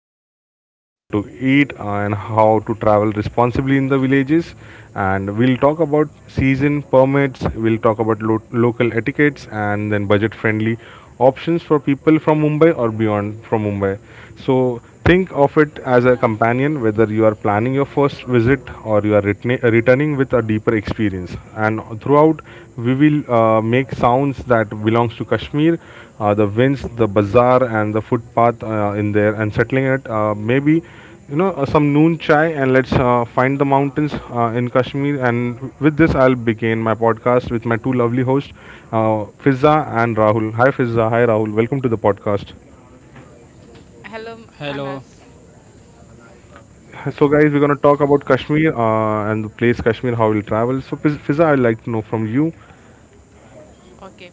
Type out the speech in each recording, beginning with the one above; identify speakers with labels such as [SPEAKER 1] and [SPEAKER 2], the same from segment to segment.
[SPEAKER 1] what to see, what to eat, and how to travel responsibly in the villages. And we'll talk about season permits, we'll talk about local etiquettes, and then budget friendly options for people from Mumbai or beyond from Mumbai. Think of it as a companion, whether you are planning your first visit or you are returning with a deeper experience. And throughout, we will make sounds that belongs to Kashmir, the winds, the bazaar, and the footpath in there, and settling it. Maybe you know some noon chai, and let's find the mountains in Kashmir. And with this, I'll begin my podcast with my two lovely hosts, Fizza and Rahul. Hi, Fizza. Hi, Rahul. Welcome to the podcast.
[SPEAKER 2] Hello,
[SPEAKER 3] Hello,
[SPEAKER 2] Anas.
[SPEAKER 1] So, guys, we're gonna talk about Kashmir and the place Kashmir, how we'll travel. So, Fiza, I'd like to know from you.
[SPEAKER 2] Okay.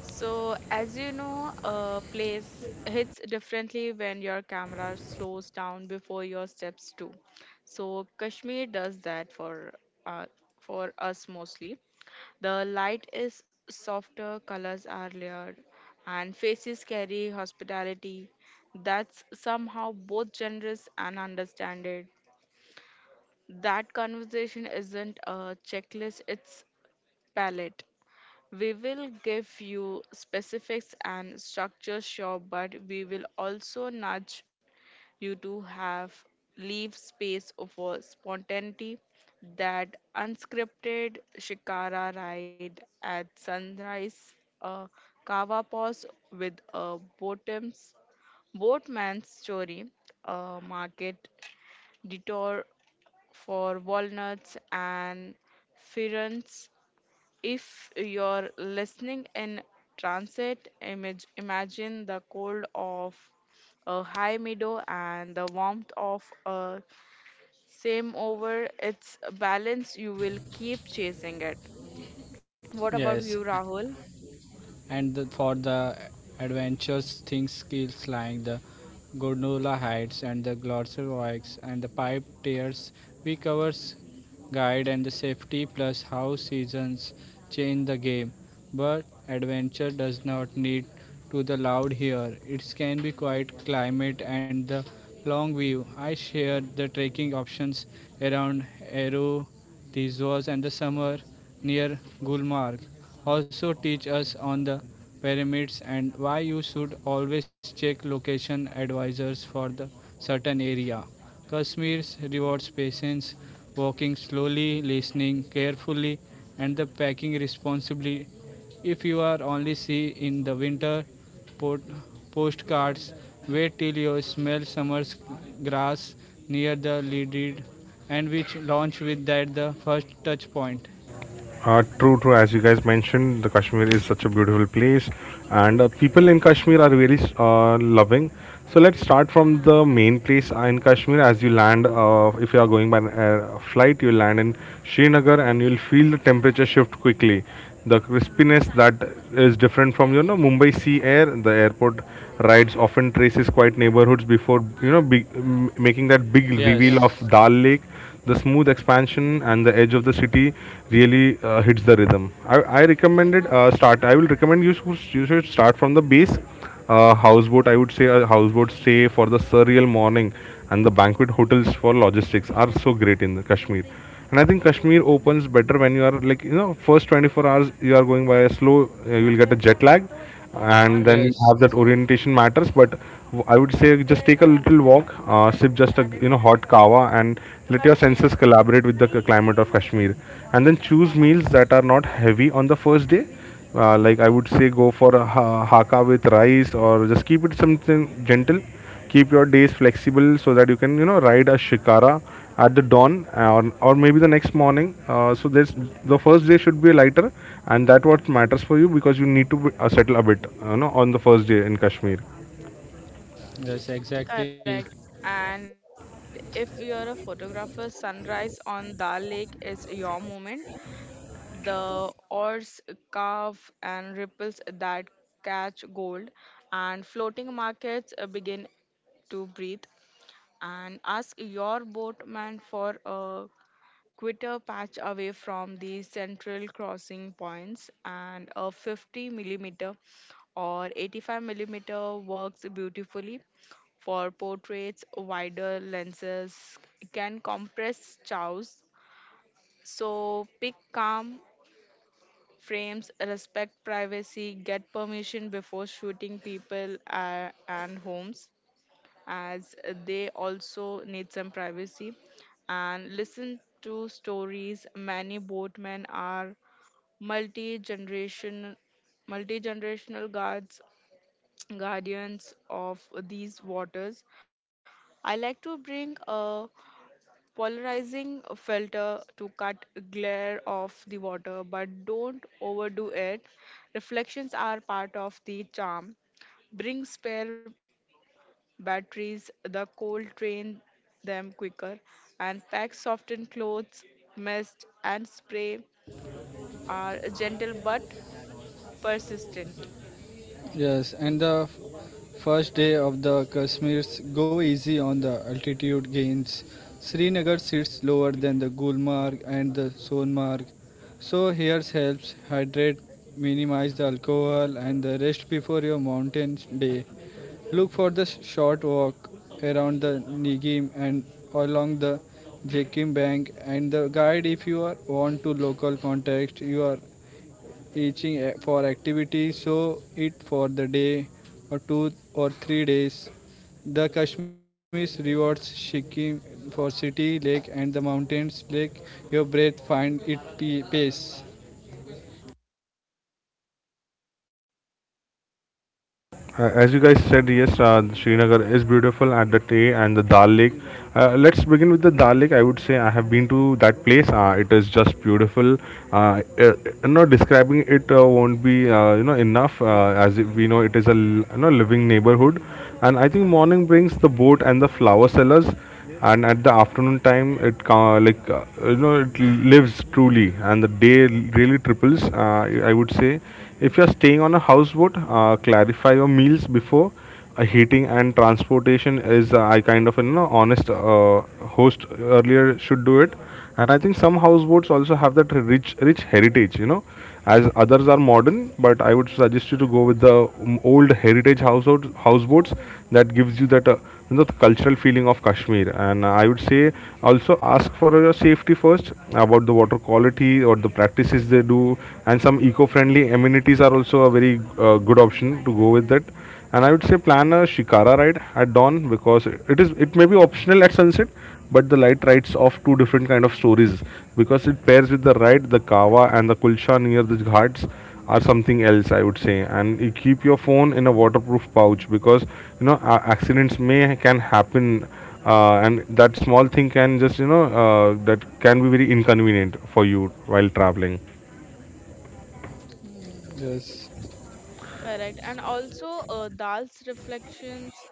[SPEAKER 2] So, as you know, a place hits differently when your camera slows down before your steps too. So, Kashmir does that uh, for us mostly. The light is softer, colors are layered, and faces carry hospitality. That's somehow both generous and understanding. That conversation isn't a checklist; it's palette. We will give you specifics and structure, sure, but we will also nudge you to have leave space for spontaneity. That unscripted shikara ride at sunrise, a kava pause with a boatman's story, a market detour for walnuts and ferns. If you're listening in transit, imagine the cold of a high meadow and the warmth of a same over. It's a balance, you will keep chasing it. What about
[SPEAKER 3] yes,
[SPEAKER 2] you, Rahul?
[SPEAKER 3] and the, for the adventures things skills like the gondola hides and the glosser oaks and the pipe tears, we covers guide and the safety plus how seasons change the game. But adventure does not need to the loud here. It can be quiet climate and the long view. I share the trekking options around Aero, Tizos and the summer near Gulmarg. Also teach us on the pyramids and why you should always check location advisors for the certain area. Kashmir rewards patience, walking slowly, listening carefully, and the packing responsibly if you are only see in the winter postcards, wait till you smell summer's grass near the leaded and which launch with that the first touch point.
[SPEAKER 1] True, true. As you guys mentioned, the Kashmir is such a beautiful place, and people in Kashmir are very loving. So let's start from the main place in Kashmir. As you land, if you are going by an air flight, you land in Srinagar, and you'll feel the temperature shift quickly. The crispiness that is different from you know Mumbai sea air. The airport rides often traces quiet neighborhoods before you know big, making that big
[SPEAKER 3] Yes,
[SPEAKER 1] reveal of Yes. Dal Lake, the smooth expansion and the edge of the city really hits the rhythm. I recommended start. I will recommend you should start from the base. Houseboat, I would say a houseboat stay for the surreal morning and the banquet hotels for logistics are so great in the Kashmir. And I think Kashmir opens better when you are like you know first 24 hours you are going by a slow. You will get a jet lag, and then you
[SPEAKER 3] yes,
[SPEAKER 1] have that orientation matters, but I would say just take a little walk, sip just a you know hot kawa, and let your senses collaborate with the climate of Kashmir. And then choose meals that are not heavy on the first day, like I would say go for a haka with rice or just keep it something gentle. Keep your days flexible so that you can you know ride a shikara at the dawn, or maybe the next morning, so there's, the first day should be lighter, and that what matters for you because you need to settle a bit you know on the first day in Kashmir.
[SPEAKER 3] yes, exactly.
[SPEAKER 2] Correct. And if you're a photographer, sunrise on Dal Lake is your moment. The oars carve and ripples that catch gold, and floating markets begin to breathe. And ask your boatman for a quitter patch away from the central crossing points, and a 50 mm millimeter or 85 mm millimeter works beautifully for portraits. Wider lenses can compress chows, so pick calm frames, respect privacy, get permission before shooting people and homes, as they also need some privacy, and listen to stories. Many boatmen are multi-generation, multi-generational guardians of these waters. I like to bring a polarizing filter to cut glare off the water, but don't overdo it. Reflections are part of the charm. Bring spare batteries, the cold train them quicker, and pack softened clothes. Mist and spray are gentle but persistent.
[SPEAKER 3] Yes, and the first day of the Kashmir's go easy on the altitude gains. Srinagar sits lower than the Gulmarg and the Sonmarg, so here helps hydrate, minimize the alcohol, and the rest before your mountain day. Look for the short walk around the Nigim and along the Jekim bank and the guide if you are want to local context you are eaching for activity, so eat for the day or 2 or 3 days. The Kashmir rewards Sikkim for city, lake, and the mountains. Lake your breath, find it
[SPEAKER 1] As you guys said, yes, Srinagar is beautiful at the Tay and the Dal Lake. Let's begin with the Dal Lake. I would say I have been to that place. It is just beautiful. Uh, uh, Not describing it won't be you know enough, as we know it is a you know living neighborhood, and I think morning brings the boat and the flower sellers, and at the afternoon time it like you know it lives truly, and the day really triples. I would say if you're staying on a houseboat, clarify your meals before, heating and transportation is, I kind of you know honest, host earlier should do it. And I think some houseboats also have that rich heritage you know, as others are modern, but I would suggest you to go with the old heritage household houseboats that gives you that you know, the cultural feeling of Kashmir. And I would say also ask for your safety first about the water quality or the practices they do, and some eco-friendly amenities are also a very good option to go with that. And I would say plan a shikara ride at dawn because it is, it may be optional at sunset, but the light writes off two different kind of stories because it pairs with the right the kawa and the kulcha near the ghats are something else, I would say. And you keep your phone in a waterproof pouch because you know accidents may can happen, and that small thing can just you know that can be very inconvenient for you while traveling.
[SPEAKER 3] yes.
[SPEAKER 2] Correct. And also, Dal's reflections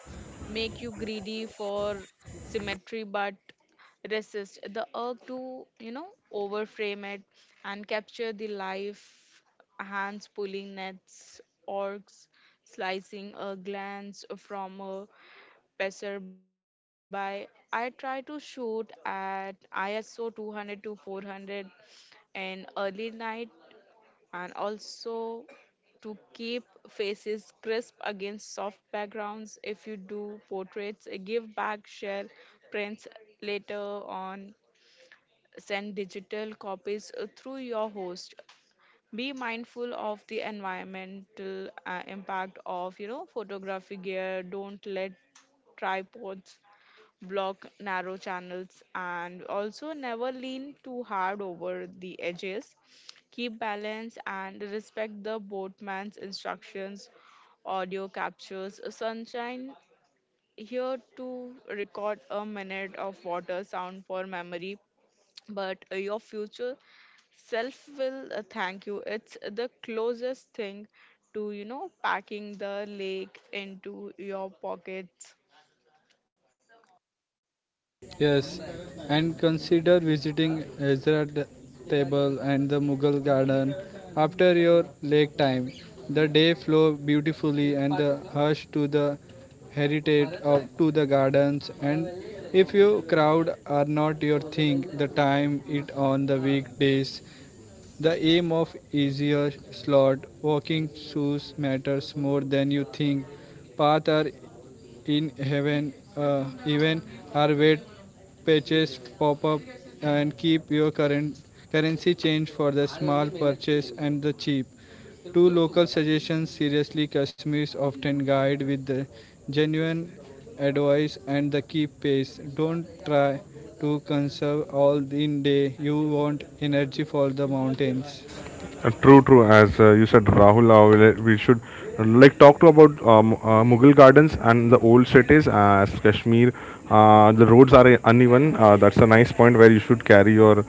[SPEAKER 2] make you greedy for symmetry, but resist the urge to, overframe it, and capture the life: hands pulling nets, orcs slicing, a glance from a passerby. I try to shoot at ISO 200 to 400 in early night, and also to keep faces crisp against soft backgrounds. If you do portraits give back, share prints later on, send digital copies through your host. Be mindful of the environmental impact of photography gear. Don't let tripods block narrow channels, and also never lean too hard over the edges. Keep balance and respect the boatman's instructions. Audio captures sunshine here, to record a minute of water sound for memory, but your future self will thank you. It's the closest thing to packing the lake into your pockets.
[SPEAKER 3] Yes, and consider visiting Hazrat Table and the Mughal Garden after your lake time. The day flow beautifully and the hush to the heritage of to the gardens, and if you crowd are not your thing the time it on the weekdays the aim of easier slot walking shoes matters more than you think. Path are in heaven, even are wet pages pop up, and keep your current currency change for the small purchase and the cheap. Two local suggestions seriously Kashmir's often guide with the genuine advice and the keep pace. Don't try to conserve all in day. You want energy for the mountains.
[SPEAKER 1] True, true. As you said, Rahul, we should like talk to about Mughal gardens and the old cities. As Kashmir, the roads are uneven. That's a nice point where you should carry your,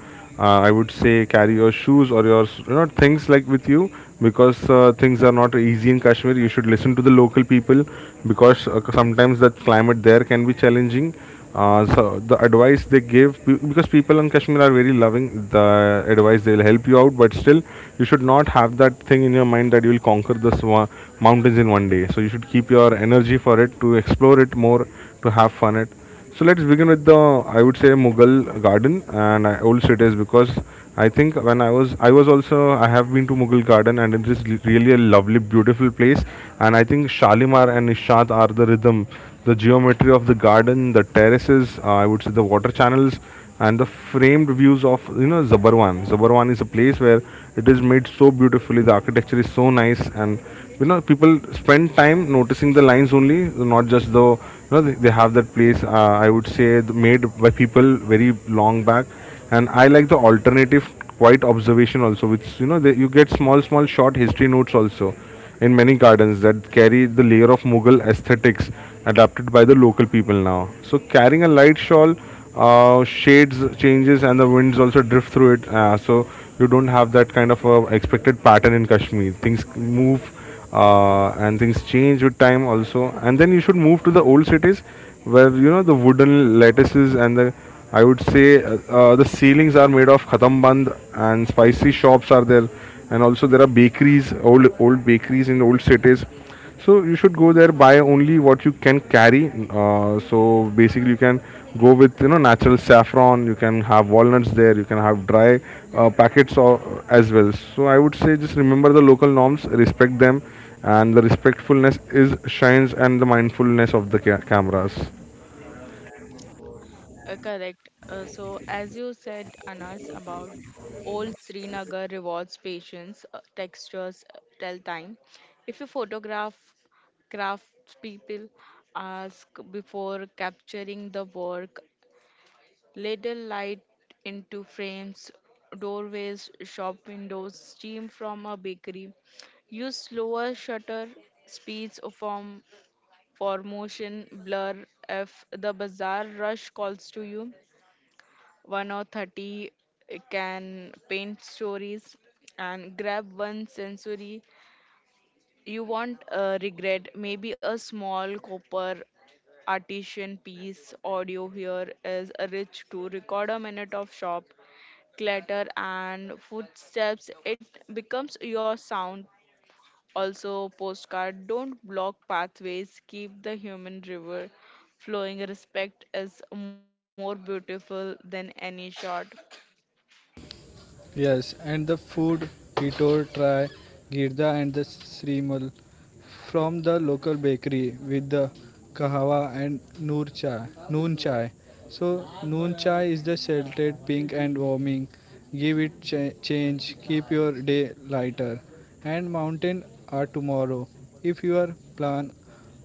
[SPEAKER 1] I would say, carry your shoes or your you know things like with you because things are not easy in Kashmir. You should listen to the local people because sometimes that climate there can be challenging. So the advice they give because people in Kashmir are very loving, the advice they will help you out, but still you should not have that thing in your mind that you will conquer the mountains in 1 day. So you should keep your energy for it to explore it more, to have fun it. So let's begin with the, I would say, Mughal garden and old cities because I think when I was also I have been to Mughal garden and it is really a lovely beautiful place. And I think Shalimar and Nishad are the rhythm, the geometry of the garden, the terraces, I would say the water channels, and the framed views of you know Zabarwan. Zabarwan is a place where it is made so beautifully. The architecture is so nice, and you know people spend time noticing the lines only, not just the you know they have that place. I would say made by people very long back. And I like the alternative quiet observation also, which you know they, you get small short history notes also in many gardens that carry the layer of Mughal aesthetics adapted by the local people now. So carrying a light shawl, shades changes and the winds also drift through it, so you don't have that kind of expected pattern in Kashmir, things move, and things change with time also. And then you should move to the old cities where you know the wooden lattices and the, I would say, the ceilings are made of khatamband and spicy shops are there. And also there are bakeries, old bakeries in old cities. So you should go there, buy only what you can carry, so basically you can go with you know natural saffron, you can have walnuts there, you can have dry packets or, as well. So I would say just remember the local norms, respect them, and the respectfulness is shines, and the mindfulness of the cameras.
[SPEAKER 2] Correct. So, as you said, Anas, about old Srinagar, rewards patience, textures, tell time. If you photograph craftspeople, ask before capturing the work. Ladle light into frames, doorways, shop windows, steam from a bakery. Use slower shutter speeds from for motion blur. If the bazaar rush calls to you, one or 30 can paint stories, and grab one sensory you won't regret, maybe a small copper artisan piece. Audio here is a rich, to record a minute of shop clatter and footsteps. It becomes your sound, also postcard. Don't block pathways, keep the human river flowing. Respect is more beautiful than any shot.
[SPEAKER 3] Yes, and the food he told try girda and the srimal from the local bakery with the kahawa and noor chai, noon chai. So noon chai is the sheltered pink and warming. Give it change, keep your day lighter. And mountain are tomorrow. If your plan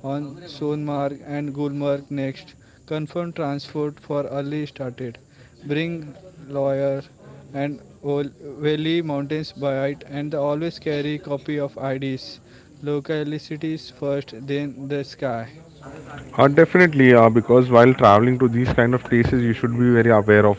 [SPEAKER 3] on Sonmarg and Gulmarg next. Confirm transport for early started. Bring lawyer and Valley Mountains by it and always carry copy of IDs. Localities first, then the sky.
[SPEAKER 1] Definitely, because while traveling to these kind of places, you should be very aware of,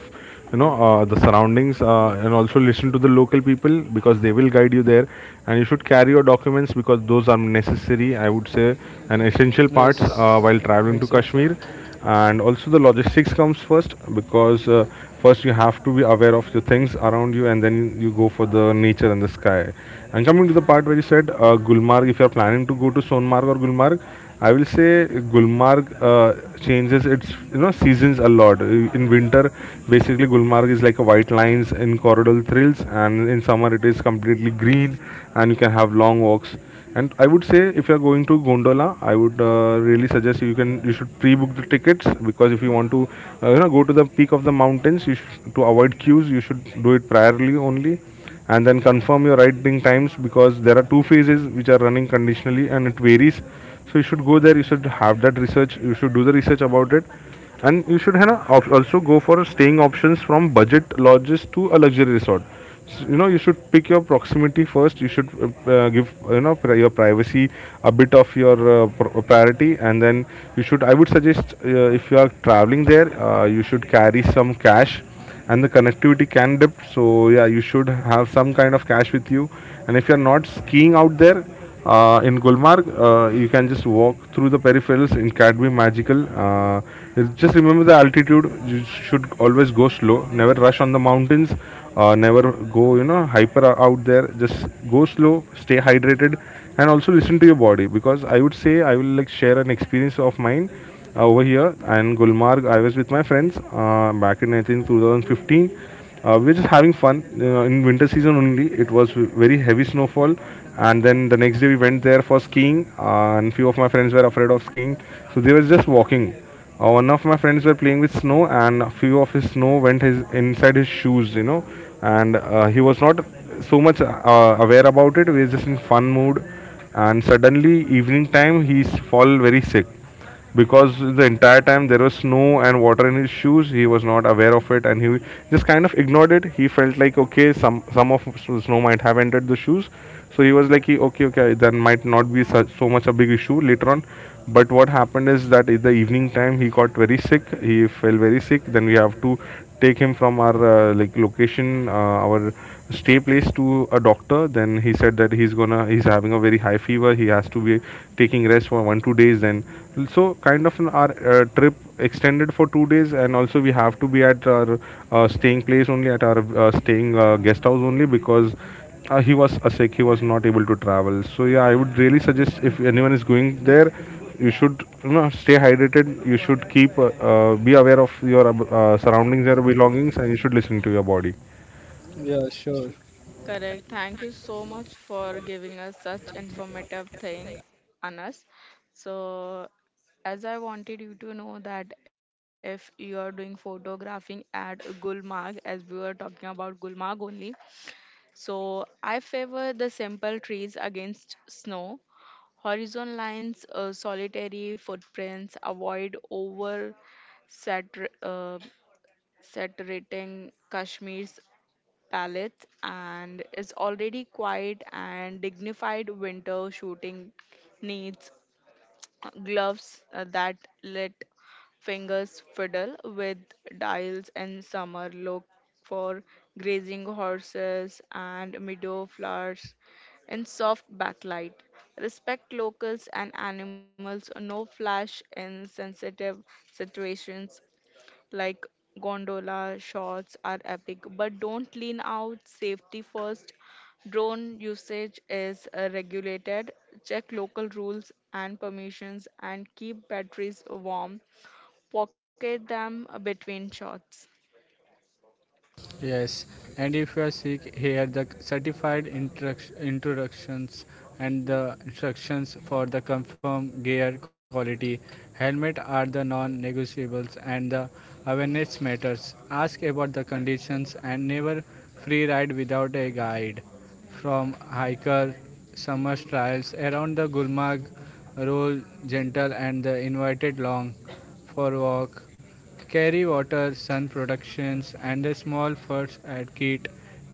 [SPEAKER 1] you know, the surroundings and also listen to the local people because they will guide you there. And you should carry your documents because those are necessary, I would say, and essential parts
[SPEAKER 3] Yes,
[SPEAKER 1] while traveling to Kashmir.
[SPEAKER 3] exactly.
[SPEAKER 1] And also the logistics comes first because first you have to be aware of the things around you and then you go for the nature and the sky. And coming to the part where you said Gulmarg, if you are planning to go to Sonmarg or Gulmarg, I will say Gulmarg changes its you know seasons a lot. In winter, basically Gulmarg is like a white lines in coral thrills, and in summer it is completely green, and you can have long walks. And I would say if you are going to Gondola, I would really suggest you should pre-book the tickets because if you want to go to the peak of the mountains, you should, to avoid queues, you should do it priorly only and then confirm your writing times, because there are two phases which are running conditionally and it varies. So you should go there, you should do the research about it, and you should have also go for staying options from budget lodges to a luxury resort. You should pick your proximity first. You should give your privacy a bit of your priority, and then you should I would suggest if you are traveling there, you should carry some cash, and the connectivity can dip, so yeah, you should have some kind of cash with you. And if you're not skiing out there, in Gulmarg, you can just walk through the peripherals. It can be magical. Just remember the altitude. You should always go slow. Never rush on the mountains. Never go, you know, hyper out there. Just go slow. Stay hydrated, and also listen to your body. Because I would say I will like share an experience of mine over here and Gulmarg. I was with my friends back in I think 2015. We were just having fun in winter season only. It was very heavy snowfall, and then the next day we went there for skiing. And few of my friends were afraid of skiing, so they were just walking. One of my friends were playing with snow, and a few of his snow went his inside his shoes, you know, and he was not so much aware about it. We were just in fun mood, and suddenly evening time he's fall very sick, because the entire time there was snow and water in his shoes. He was not aware of it, and he just kind of ignored it. He felt like, okay, some of snow might have entered the shoes, so he was like, okay, okay, then might not be such, so much a big issue later on. But what happened is that in the evening time he got very sick, he fell very sick. Then we have to take him from our like location, our stay placed to a doctor. Then he said that he's having a very high fever. He has to be taking rest for 1 2 days. Then so kind of an, our trip extended for 2 days, and also we have to be at our staying place only, at our staying guest house only, because he was sick. He was not able to travel. So yeah, I would really suggest if anyone is going there, you should you know stay hydrated. You should keep be aware of your surroundings, your belongings, and you should listen to your body.
[SPEAKER 3] Yeah, sure.
[SPEAKER 2] Correct. Thank you so much for giving us such informative thing, Anas. So, as I wanted you to know, that if you are doing photographing at Gulmarg, as we were talking about Gulmarg only, so I favor the simple trees against snow, horizon lines, solitary footprints. Avoid over satur- uh, saturating Kashmir's palette, and is already quiet and dignified. Winter shooting needs gloves that let fingers fiddle with dials. In summer, look for grazing horses and meadow flowers in soft backlight. Respect locals and animals, no flash in sensitive situations. Like, gondola shots are epic, but don't lean out, safety first. Drone usage is regulated, check local rules and permissions, and keep batteries warm, pocket them between shots.
[SPEAKER 3] Yes, and if you are sick, here the certified introductions and the instructions for the confirmed gear quality. Helmet are the non-negotiables, and the awareness matters. Ask about the conditions and never free ride without a guide from hiker summer trails around the Gulmarg roll gentle and the invited long for walk. Carry water sun productions and the small first aid kit.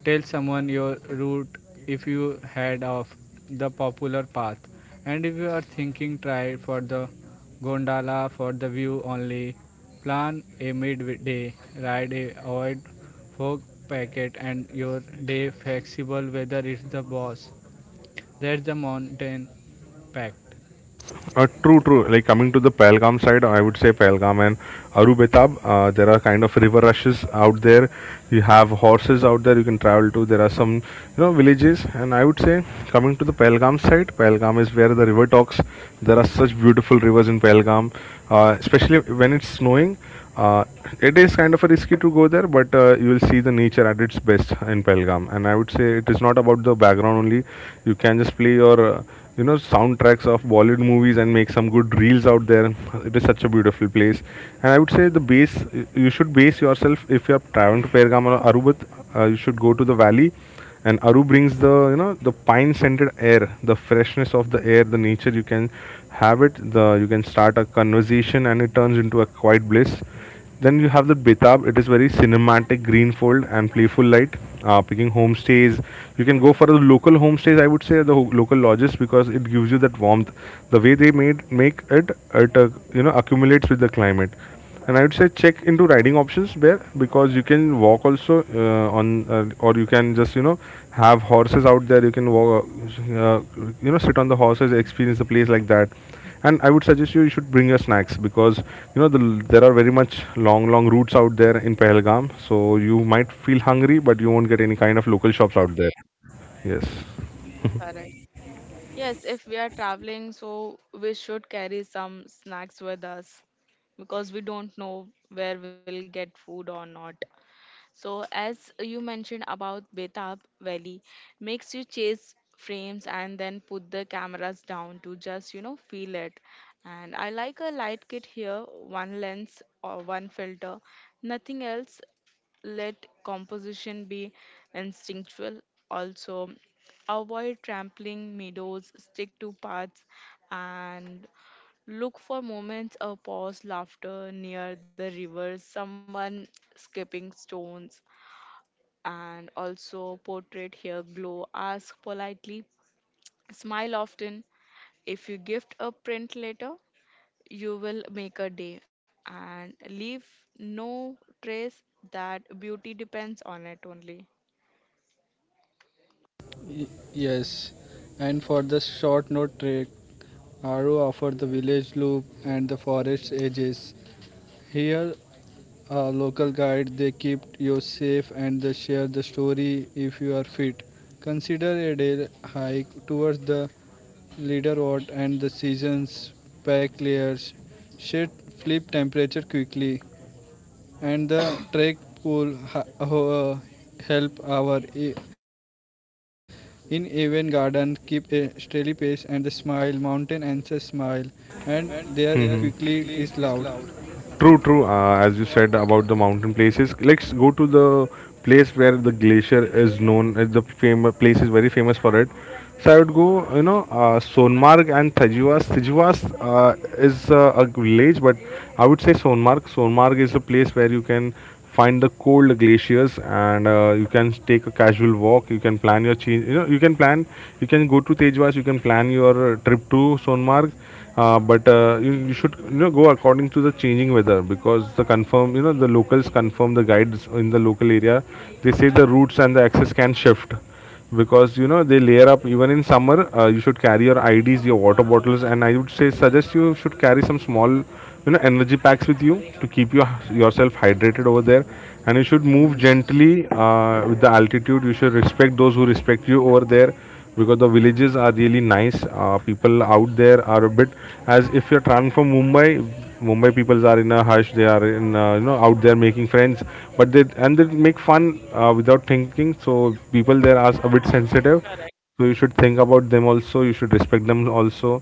[SPEAKER 3] Tell someone your route if you head off the popular path, and if you are thinking try for the gondola for the view only plan a midday ride. Avoid fork packet and your day flexible whether it's the boss. That's the mountain pact.
[SPEAKER 1] True, true. Like coming to the Pahalgam side, I would say Pahalgam and Arubetab. There are kind of river rushes out there. You have horses out there you can travel to. There are some, you know, villages. And I would say coming to the Pahalgam side, Pahalgam is where the river talks. There are such beautiful rivers in Pahalgam, especially when it's snowing. Uh, it is kind of a risky to go there, but you will see the nature at its best in Pelgam. And I would say it is not about the background only. You can just play your soundtracks of Bollywood movies and make some good reels out there. It is such a beautiful place, and I would say the base you should base yourself if you are traveling to Pergam or Arubat. You should go to the valley, and Aru brings the you know the pine scented air, the freshness of the air, the nature you can have it. The You can start a conversation and it turns into a quiet bliss. Then you have the Betab. It is very cinematic, greenfold, and playful light. Picking homestays, you can go for the local homestays. I would say local lodges, because it gives you that warmth. The way they made make it, it accumulates with the climate. And I would say check into riding options there, because you can walk also or you can just you know have horses out there. You can walk, sit on the horses, experience the place like that. And I would suggest you should bring your snacks, because you know there are very much long long routes out there in Pahalgam, so you might feel hungry, but you won't get any kind of local shops out
[SPEAKER 2] Okay,
[SPEAKER 1] there. Yes,
[SPEAKER 2] correct. Yes, if we are traveling, so we should carry some snacks with us, because we don't know where we'll get food or not. So, as you mentioned about Betab Valley, makes you chase frames and then put the cameras down to just, feel it. And I like a light kit here, one lens or one filter, nothing else. Let composition be instinctual. Also, avoid trampling meadows, stick to paths, and look for moments of pause, laughter near the rivers, someone skipping stones. And also portrait here glow, ask politely, smile often. If you gift a print later, you will make a day and leave no trace. That beauty depends on it only.
[SPEAKER 3] Y- yes, and for the short note trek, Aru offered the village loop and the forest edges. Here, a local guide, they keep you safe and they share the story if you are fit. Consider a day hike towards the leader ward and the season's pack layers. Shit, flip temperature quickly and the trek will help our in even garden. Keep a steady pace and the smile mountain answers smile, and there quickly is loud.
[SPEAKER 1] true, true. As you said about the mountain places, let's go to the place where the glacier is known. The famous place is very famous for it. So I would go, you know, Sonmarg and Tajivas uh, is a village, but I would say Sonmarg is a place where you can find the cold glaciers, and you can take a casual walk. You can plan, you can go to Tejwas, you can plan your trip to Sonmarg. But You, you should you know go according to the changing weather, because the locals confirm the guides in the local area. They say the routes and the access can shift, because you know they layer up even in summer. You should carry your IDs, your water bottles, and I would say suggest you should carry some small you know energy packs with you to keep your yourself hydrated over there. And you should move gently with the altitude. You should respect those who respect you over there, because the villages are really nice. People out there are a bit as if you're traveling from Mumbai. Mumbai people are in a hush. They are in out there making friends, but they and they make fun without thinking. So people there are a bit sensitive.
[SPEAKER 2] Correct.
[SPEAKER 1] So you should think about them also. You should respect them also,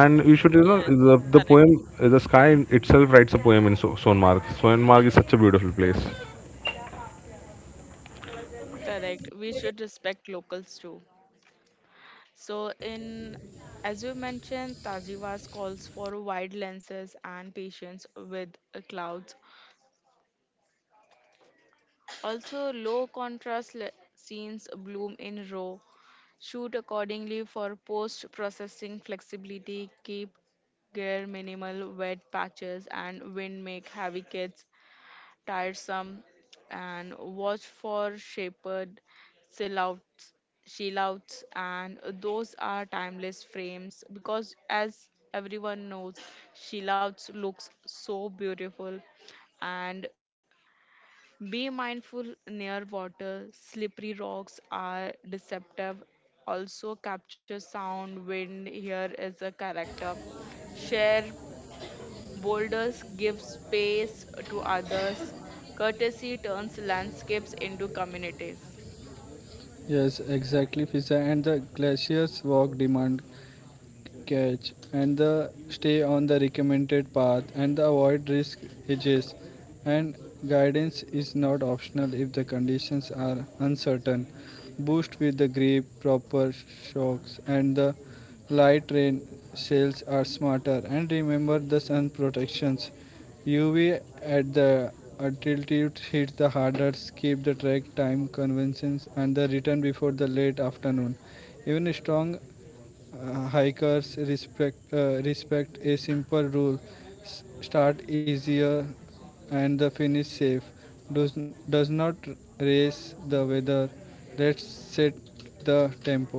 [SPEAKER 1] and you should you
[SPEAKER 2] Yes.
[SPEAKER 1] know the
[SPEAKER 2] Correct.
[SPEAKER 1] poem the sky itself writes a poem in Sonmarg. Sonmarg is such a beautiful place.
[SPEAKER 2] Correct, we should respect locals too. So in as you mentioned, tajivas calls for wide lenses and patience with clouds. Also, low contrast scenes bloom in RAW. Shoot accordingly for post processing flexibility. Keep gear minimal, wet patches and wind make heavy kits tiresome. And watch for shapered silhouettes, silhouettes, and those are timeless frames because, as everyone knows, silhouettes looks so beautiful. And be mindful near water, slippery rocks are deceptive. Also, capture sound, wind here is a character. Share boulders, give space to others. Courtesy turns landscapes into communities.
[SPEAKER 3] Yes, exactly Fisa, and the glaciers walk demand catch and the stay on the recommended path and the avoid risk hedges, and guidance is not optional if the conditions are uncertain. Boost with the grip proper shocks and the light rain sails are smarter, and remember the sun protections UV at the altitude hit the harder. Keep the track time conventions and the return before the late afternoon. Even strong hikers respect respect a simple rule: start easier and the finish safe. Does does not race the weather. Let's set the tempo.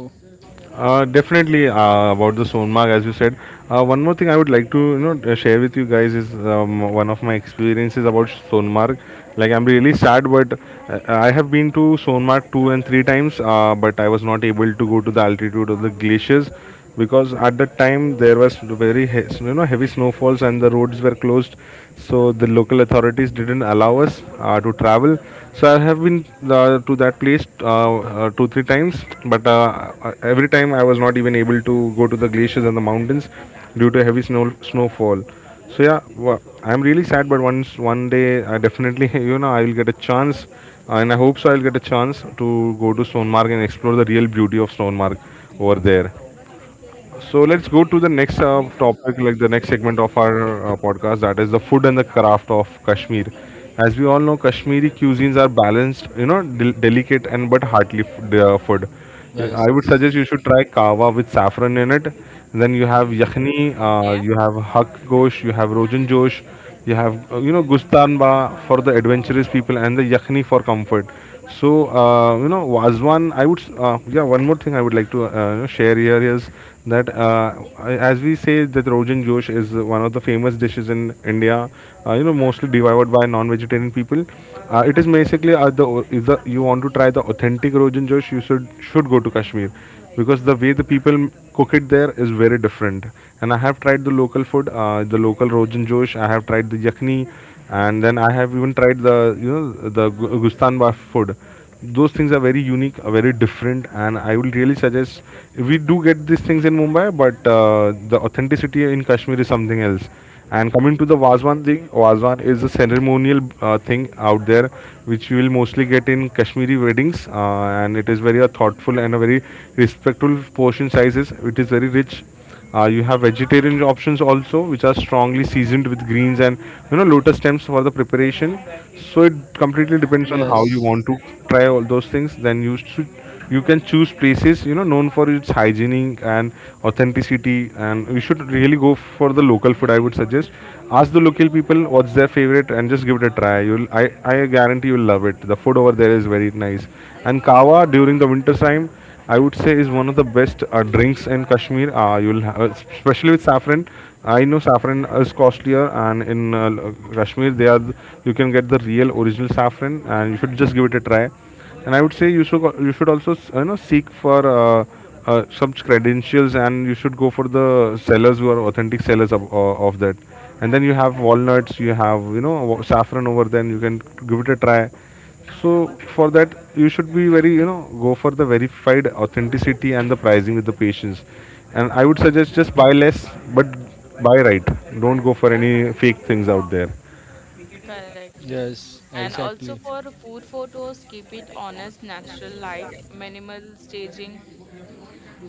[SPEAKER 1] Definitely, about the Sonmark, as you said. One more thing I would like to you know share with you guys is one of my experiences about Sonmark. Like I'm really sad, but I have been to Sonmark two and three times, but I was not able to go to the altitude of the glaciers, because at that time there was very heavy snowfalls and the roads were closed, so the local authorities didn't allow us to travel. So I have been to that place 2 3 times, but every time I was not even able to go to the glaciers and the mountains due to heavy snowfall. So yeah, I'm really sad, but once one day I definitely you know I will get a chance, and I hope so I'll get a chance to go to Stonemark and explore the real beauty of Stonemark over there. So let's go to the next topic, like the next segment of our podcast, that is the food and the craft of Kashmir. As we all know, Kashmiri cuisines are balanced, you know, delicate and but heartily food. I would suggest you should try kawa with saffron in it. Then you have yakhni, you have hak gosh, you have rojan josh, you have gustanba for the adventurous people, and the yakhni for comfort. So you know, was one. I would s- yeah. One more thing I would like to share here is that as we say that Rogan Josh is one of the famous dishes in India. You know, mostly devoured by non-vegetarian people. It is basically the if the you want to try the authentic Rogan Josh, you should go to Kashmir, because the way the people cook it there is very different. And I have tried the local food, the local Rogan Josh. I have tried the yakni, and then I have even tried the you know the Gustanba food. Those things are very unique, are very different, and I will really suggest we do get these things in Mumbai, but the authenticity in Kashmir is something else. And coming to the Wazwan thing, Wazwan is a ceremonial thing out there, which you will mostly get in Kashmiri weddings, and it is very a thoughtful and a very respectful portion sizes. It is very rich. You have vegetarian options also, which are strongly seasoned with greens and you know lotus stems for the preparation. So it completely depends on how you
[SPEAKER 3] Yes,
[SPEAKER 1] want to try all those things. Then you can choose places you know known for its hygienic and authenticity, and you should really go for the local food. I would suggest ask the local people what's their favorite and just give it a try. You'll I guarantee you'll love it. The food over there is very nice, and kawa during the winter time. I would say is one of the best drinks in Kashmir. Especially with saffron. I know saffron is costlier, and in Kashmir you can get the real original saffron, and you should just give it a try. And I would say you should also you know seek for some credentials, and you should go for the sellers who are authentic sellers of that. And then you have walnuts, you have you know saffron over. Then you can give it a try, so for that, you should be very, you know, go for the verified authenticity and the pricing with the patients. And I would suggest just buy less, but buy right. Don't go for any fake things out there.
[SPEAKER 2] Correct.
[SPEAKER 3] yes,
[SPEAKER 2] And
[SPEAKER 3] exactly.
[SPEAKER 2] also, for food photos, keep it honest, natural light, minimal staging,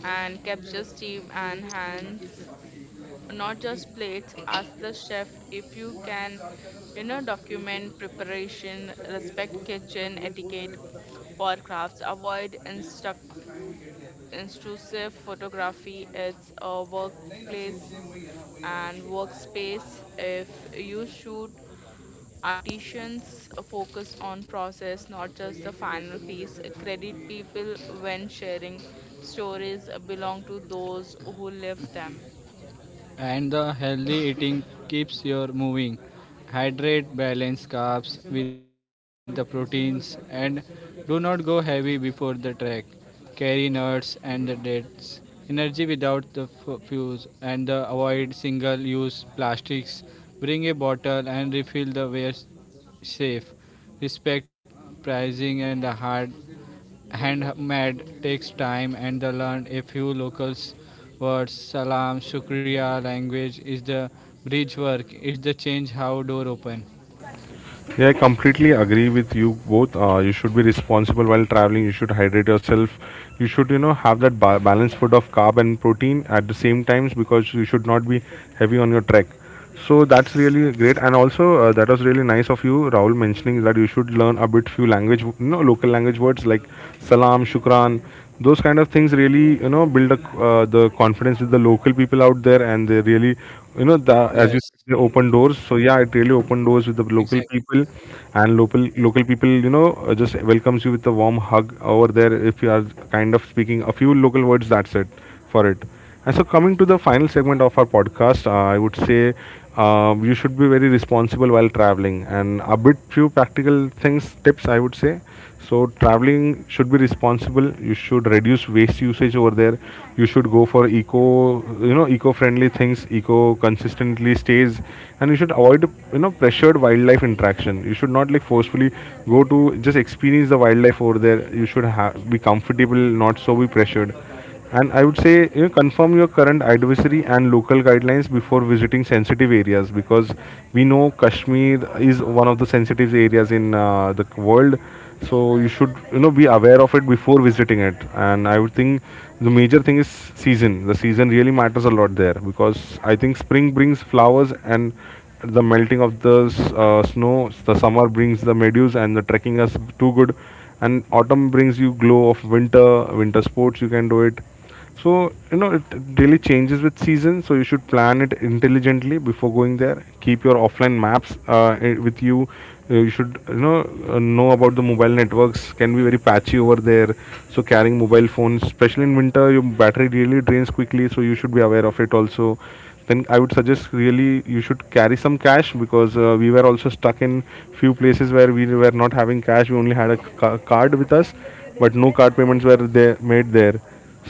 [SPEAKER 2] and capture steam and hands, not just plates. Ask the chef if you can document preparation, respect kitchen etiquette. For crafts, avoid instruct intrusive photography, it's a workplace and workspace. If you shoot artisans, focus on process, not just the final piece. Credit people when sharing, stories belong to those who live them.
[SPEAKER 3] And the healthy eating keeps your moving. Hydrate balanced carbs with the proteins and do not go heavy before the trek. Carry nuts and the dates. Energy without the fuse and the avoid single use plastics. Bring a bottle and refill the waste safe. Respect pricing and the hard handmade takes time and the learn a few local words, salam shukriya. Language is the bridge, work is the change how door open.
[SPEAKER 1] Yeah, I completely agree with you both. You should be responsible while traveling. You should hydrate yourself. You should, you know, have that balanced food of carb and protein at the same times because you should not be heavy on your trek. So that's really great. And also, that was really nice of you, Rahul, mentioning that you should learn a bit few language, you know, local language words like salam, shukran. Those kind of things really, you know, build a, the confidence with the local people out there, and they really, you know, the, as
[SPEAKER 3] Yes,
[SPEAKER 1] you they open doors. So yeah, it really opened doors with the local
[SPEAKER 3] exactly.
[SPEAKER 1] people and local people you know just welcomes you with a warm hug over there if you are kind of speaking a few local words. That's it for it. And so coming to the final segment of our podcast, I would say you should be very responsible while traveling and a bit few practical things tips I would say. So traveling should be responsible. You should reduce waste usage over there. You should go for eco, you know, eco friendly things, eco consistently stays, and you should avoid, you know, pressured wildlife interaction. You should not like forcefully go to, just experience the wildlife over there. You should be comfortable, not so be pressured. And I would say, you know, confirm your current advisory and local guidelines before visiting sensitive areas because we know Kashmir is one of the sensitive areas in the world. So you should, you know, be aware of it before visiting it. And I would think the major thing is season. The season really matters a lot there because I think spring brings flowers and the melting of the snow, the summer brings the meadows and the trekking is too good, and autumn brings you glow of winter. Winter sports you can do it. So you know it really changes with season, so you should plan it intelligently before going there. Keep your offline maps with you. You should you know about the mobile networks can be very patchy over there. So carrying mobile phones, especially in winter, your battery really drains quickly, so you should be aware of it also. Then I would suggest really you should carry some cash because we were also stuck in few places where we were not having cash. We only had a card with us, but no card payments were there made there.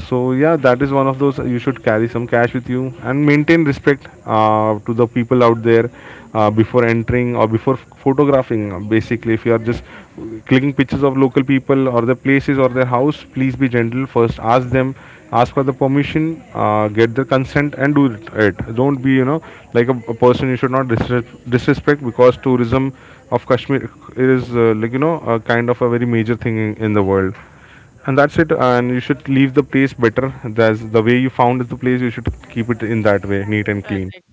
[SPEAKER 1] So yeah, that is one of those. You should carry some cash with you and maintain respect to the people out there before entering or before photographing. Basically, if you are just clicking pictures of local people or the places or their house, please be gentle. First, ask them, ask for the permission, get their consent, and do it. Don't be you know like a person. You should not disrespect because tourism of Kashmir is like you know a kind of a very major thing in the world. And that's it, and you should leave the place better. That's the way you found the place, you should keep it in that way, neat and clean.
[SPEAKER 2] Correct.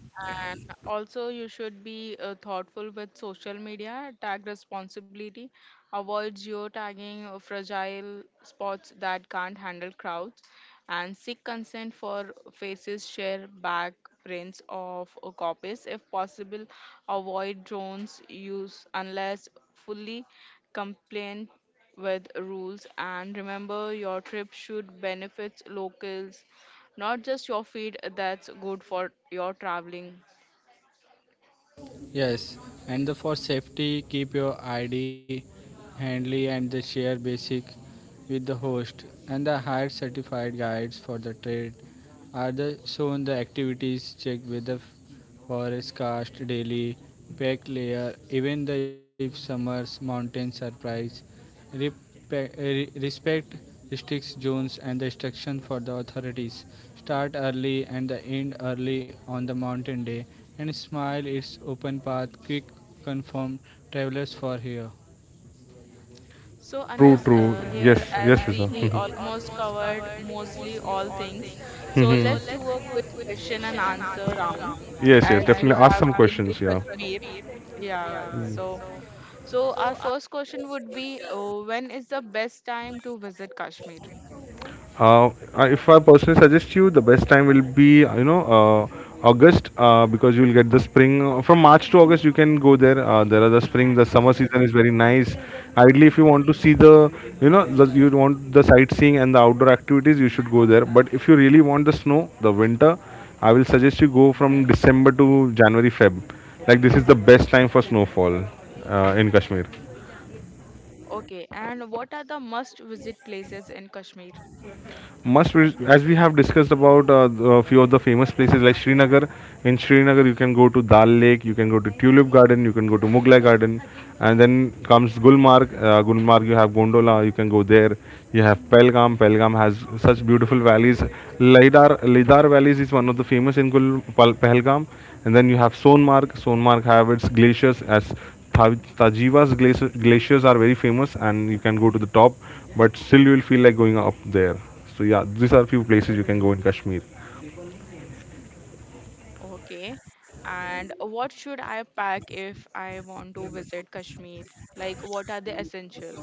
[SPEAKER 2] And also, you should be thoughtful with social media, tag responsibility, avoid geotagging fragile spots that can't handle crowds, and seek consent for faces, share back prints of copies if possible. Avoid drones use unless fully compliant with rules. And remember, your trip should benefit locals, not just your feed. That's good for your traveling.
[SPEAKER 3] Yes, and the for safety, keep your ID handy and the share basic with the host. And the hired certified guides for the trade are the shown the activities. Check with the forest cast daily, pack layer, even the if summers mountain surprise, uh, respect restricts zones and the instruction for the authorities. Start early and the end early on the mountain day, and smile its open path. Quick confirm travelers for here.
[SPEAKER 2] So,
[SPEAKER 1] True,
[SPEAKER 2] Anas,
[SPEAKER 1] true,
[SPEAKER 2] here,
[SPEAKER 1] yes, yes.
[SPEAKER 2] as
[SPEAKER 1] Yes, Fiza.
[SPEAKER 2] we almost covered mostly all things, so
[SPEAKER 1] Mhm.
[SPEAKER 2] let's do a quick question and answer round.
[SPEAKER 1] Yes, yes,
[SPEAKER 2] As you
[SPEAKER 1] definitely ask you
[SPEAKER 2] have
[SPEAKER 1] some
[SPEAKER 2] been to
[SPEAKER 1] questions, yeah.
[SPEAKER 2] Kashmir, yeah. So, our first question would be, when is the best time to visit Kashmir?
[SPEAKER 1] Uh, if I personally suggest you, the best time will be you know August because you will get the spring from March to August. You can go there. There are the spring, the summer season is very nice. Ideally, if you want to see the you know the, you want the sightseeing and the outdoor activities, you should go there. But if you really want the snow, the winter, I will suggest you go from December to January, Feb. Like this is the best time for snowfall in Kashmir.
[SPEAKER 2] Okay, and what are the must visit places in Kashmir?
[SPEAKER 1] As we have discussed about a few of the famous places like Srinagar. In Srinagar, you can go to Dal Lake, you can go to Tulip Garden, you can go to Mughlai Garden, and then comes Gulmarg. Gulmarg, you have Gondola, you can go there. You have Pelgam. Pelgam has such beautiful valleys. Lidar valleys is one of the famous in Pahalgam, and then you have Sonmarg. Sonmarg have its glaciers as Tajiva's glaciers, glaciers are very famous, and you can go to the top, but still you will feel like going up there. So yeah, these are few places you can go in Kashmir.
[SPEAKER 2] Okay. And what should I pack if I want to visit Kashmir? Like, what are the essentials?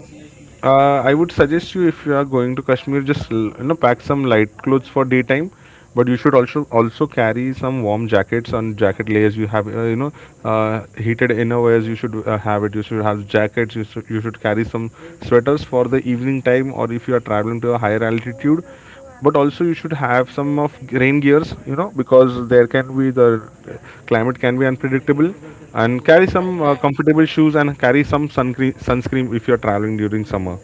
[SPEAKER 1] I would suggest you if you are going to Kashmir, just you know pack some light clothes for daytime, but you should also carry some warm jackets and jacket layers. You have you know heated innerwears. You should have it. You should have jackets. You should carry some sweaters for the evening time, or if you are traveling to a higher altitude. But also you should have some of rain gears you know because there can be the climate can be unpredictable. And carry some
[SPEAKER 2] Okay.
[SPEAKER 1] comfortable shoes and carry some sunscreen if you're traveling during summer.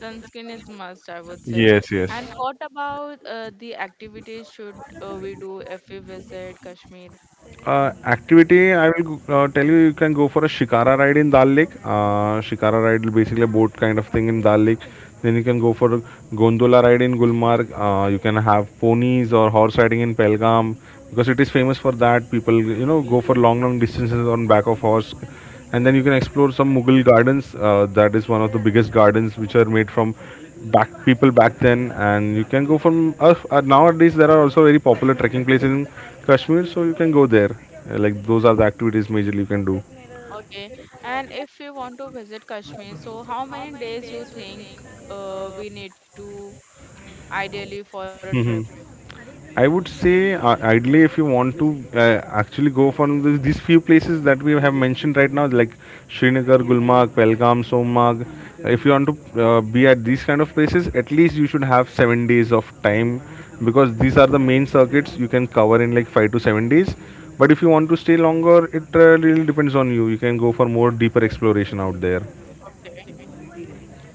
[SPEAKER 2] Sunscreen is must, I would say.
[SPEAKER 1] Yes, yes.
[SPEAKER 2] And what about the activities should we do if we visit Kashmir?
[SPEAKER 1] Activity I will tell you. You can go for a shikara ride in Dal Lake. Shikara ride is basically a boat kind of thing in Dal Lake. Then you can go for a gondola ride in Gulmarg. You can have ponies or horse riding in Pelgam because it is famous for that. People you know go for long distances on back of horse, and then you can explore some Mughal gardens. That is one of the biggest gardens which are made from back people back then, and you can go from nowadays there are also very popular trekking places in Kashmir, so you can go there. Like those are the activities majorly you can do.
[SPEAKER 2] Okay. And if we want to visit Kashmir, so how many days you think we need to ideally for a trip?
[SPEAKER 1] Hmm. I would say ideally, if you want to actually go for this, these few places that we have mentioned right now, like Srinagar, Gulmarg, Pelgam, Somag, if you want to be at these kind of places, at least you should have 7 days of time because these are the main circuits you can cover in like 5 to 7 days. But if you want to stay longer, it really depends on you. You can go for more deeper exploration out there.
[SPEAKER 2] Okay.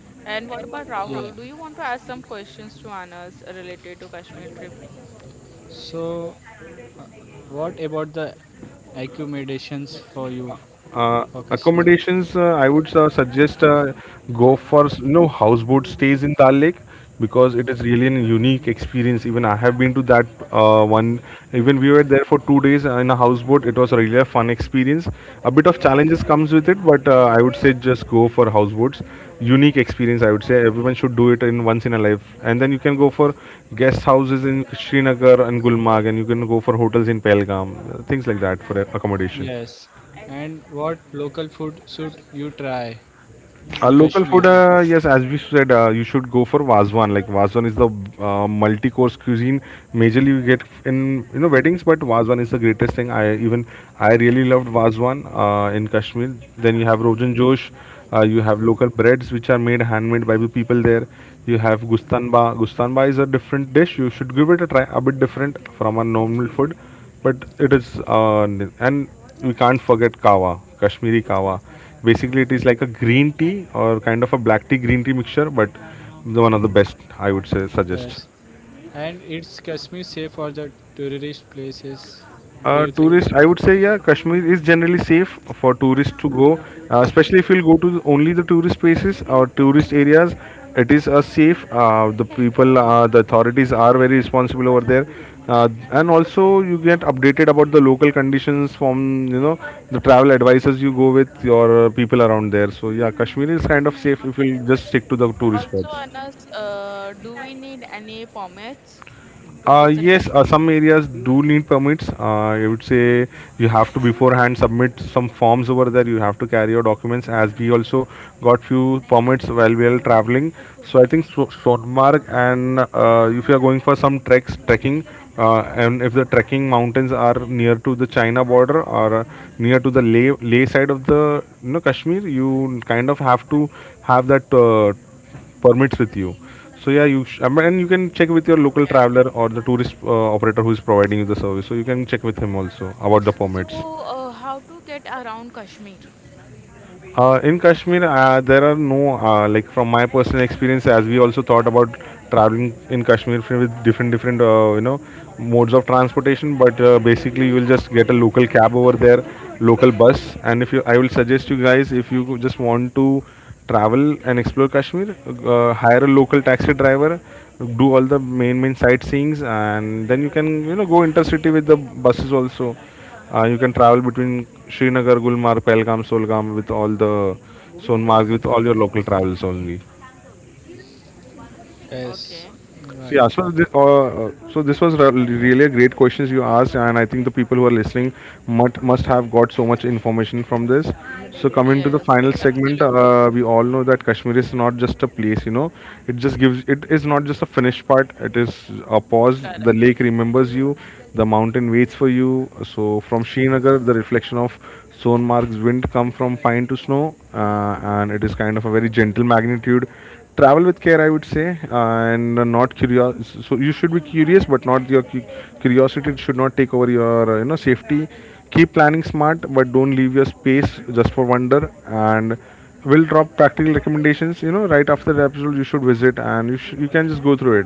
[SPEAKER 2] And what about
[SPEAKER 3] Yeah.
[SPEAKER 2] Rahul? Do you want to ask some questions to Anas related to Kashmir trip?
[SPEAKER 3] So, what about the accommodations for you
[SPEAKER 1] uh,
[SPEAKER 3] for Kashmir?
[SPEAKER 1] Accommodations, I would suggest go for you know houseboat stays in Dal Lake because it is really an unique experience. Even I have been to that one. Even we were there for 2 days in a houseboat. It was really a fun experience. A bit of challenges comes with it, but I would say just go for houseboats. Unique experience, I would say everyone should do it in once in a life. And then you can go for guest houses in Srinagar and Gulmarg, and you can go for hotels in Pelgam, things like that for accommodation.
[SPEAKER 3] Yes. And what local food should you try in
[SPEAKER 1] Local
[SPEAKER 3] Kashmir?
[SPEAKER 1] food, yes, as we said, you should go for Vazwan. Like Vazwan is the multi-course cuisine. Majorly you get in you know weddings, but Vazwan is the greatest thing. I really loved Vazwan in Kashmir. Then you have Rogan Josh. You have local breads which are made handmade by the people there. You have Gustanba. Gustanba is a different dish. You should give it a try. A bit different from a normal food, but it is and we can't forget kawa, Kashmiri kawa. Basically it is like a green tea or kind of a black tea green tea mixture, but the one of the best I would say suggest.
[SPEAKER 3] Yes, and it's Kashmir safe for the tourist places. Do you think
[SPEAKER 1] Tourist,
[SPEAKER 3] that?
[SPEAKER 1] I would say, yeah, Kashmir is generally safe for tourists to go, especially if you'll go to only the tourist places or tourist areas. It is safe. The people, the authorities are very responsible over there, and also you get updated about the local conditions from you know the travel advisors you go with your people around there. So yeah, Kashmir is kind of safe if you'll just stick to the tourist
[SPEAKER 2] Also,
[SPEAKER 1] spots.
[SPEAKER 2] Anas, do we need any permits to visit
[SPEAKER 1] Yes,
[SPEAKER 2] Kashmir?
[SPEAKER 1] some areas do need permits. I would say you have to beforehand submit some forms over there. You have to carry your documents. As we also got few permits while we are traveling, so I think Swordmark and if you are going for some treks, trekking, and if the trekking mountains are near to the China border or near to the Leh side of the Kashmir, you kind of have to have that. Permits with you. So yeah, I mean, and you can check with your local
[SPEAKER 2] Okay.
[SPEAKER 1] traveler or the tourist operator who is providing you the service. So you can check with him also about the permits.
[SPEAKER 2] So, how to get around Kashmir?
[SPEAKER 1] In Kashmir, there are no like from my personal experience, as we also thought about traveling in Kashmir with different modes of transportation. But basically, you will just get a local cab over there, local bus, and if you, I will suggest you guys if you just want to travel and explore Kashmir, hire a local taxi driver, do all the main sightseeings, and then you can go intercity with the buses also you can travel between Srinagar, Gulmarg, Pahalgam, Solgam with all the Sonmarg with all your local travels only.
[SPEAKER 3] Yes,
[SPEAKER 2] Okay.
[SPEAKER 1] So, Yeah,
[SPEAKER 3] right.
[SPEAKER 1] so th- uh, uh, so this was really a great questions you asked, and I think the people who are listening must have got so much information from this. So coming to the
[SPEAKER 2] Yes,
[SPEAKER 1] final segment,
[SPEAKER 2] absolutely.
[SPEAKER 1] we all know that Kashmir is not just a place, you know, it just gives it is not just a finished part. It is a pause. The
[SPEAKER 2] Correct.
[SPEAKER 1] lake remembers you, the mountain waits for you. So from Srinagar, the reflection of Sonmark's wind come from pine to snow, and it is kind of a very gentle magnitude travel with care I would say and not curious so you should be curious but not your cu- curiosity should not take over your safety keep planning smart but don't leave your space just for wonder and we'll drop practical recommendations right after the episode you should visit and you can just go through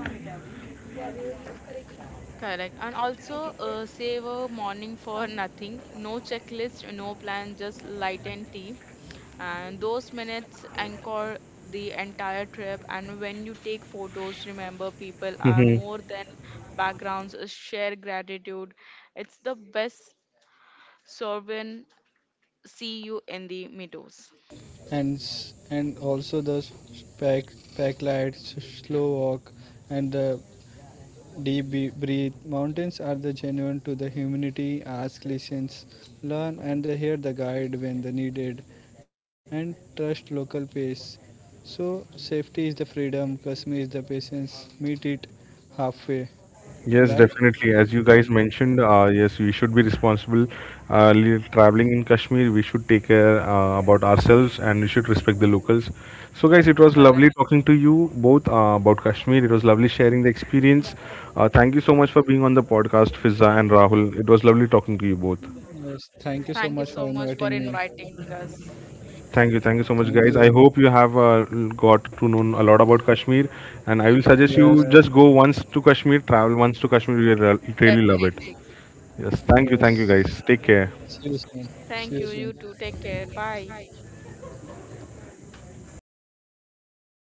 [SPEAKER 2] Correct. And also, save a morning for nothing. No checklist, no plan, just light and tea. And those minutes anchor the entire trip. And when you take photos, remember people are
[SPEAKER 1] it.
[SPEAKER 2] more than backgrounds. Share gratitude. It's the best Sorvin, see you in the meadows.
[SPEAKER 3] And and also the pack lights, slow walk, and the breathe. Mountains are the genuine to the humanity. Ask, listens, learn, and they hear the guide when the needed, and trust local pace. So safety is the freedom. Kashmir is the patience. Meet it halfway,
[SPEAKER 1] Yes,
[SPEAKER 3] right?
[SPEAKER 1] definitely. As you guys mentioned, yes, we should be responsible. Traveling in Kashmir, we should take care about ourselves and we should respect the locals. So, guys, it was
[SPEAKER 2] Correct.
[SPEAKER 1] lovely talking to you both about Kashmir. It was lovely sharing the experience. Thank you so much for being on the podcast, Fizza and Rahul. It was lovely talking to you both.
[SPEAKER 3] Yes, thank you so
[SPEAKER 2] Thank
[SPEAKER 3] much
[SPEAKER 2] you
[SPEAKER 3] for
[SPEAKER 2] so much for
[SPEAKER 3] inviting me.
[SPEAKER 2] inviting us.
[SPEAKER 1] Thank you so
[SPEAKER 3] Thank
[SPEAKER 1] much, guys.
[SPEAKER 3] you.
[SPEAKER 1] I hope you have got to know a lot about Kashmir, and I will suggest you
[SPEAKER 3] Yes,
[SPEAKER 1] just go once to Kashmir, travel once to Kashmir. You will really love it.
[SPEAKER 2] Definitely.
[SPEAKER 1] Yes, thank you
[SPEAKER 3] yes.
[SPEAKER 1] guys. Take care.
[SPEAKER 3] See you soon. See
[SPEAKER 2] Thank
[SPEAKER 3] you
[SPEAKER 2] you. You
[SPEAKER 3] soon.
[SPEAKER 2] too. Take care. Bye.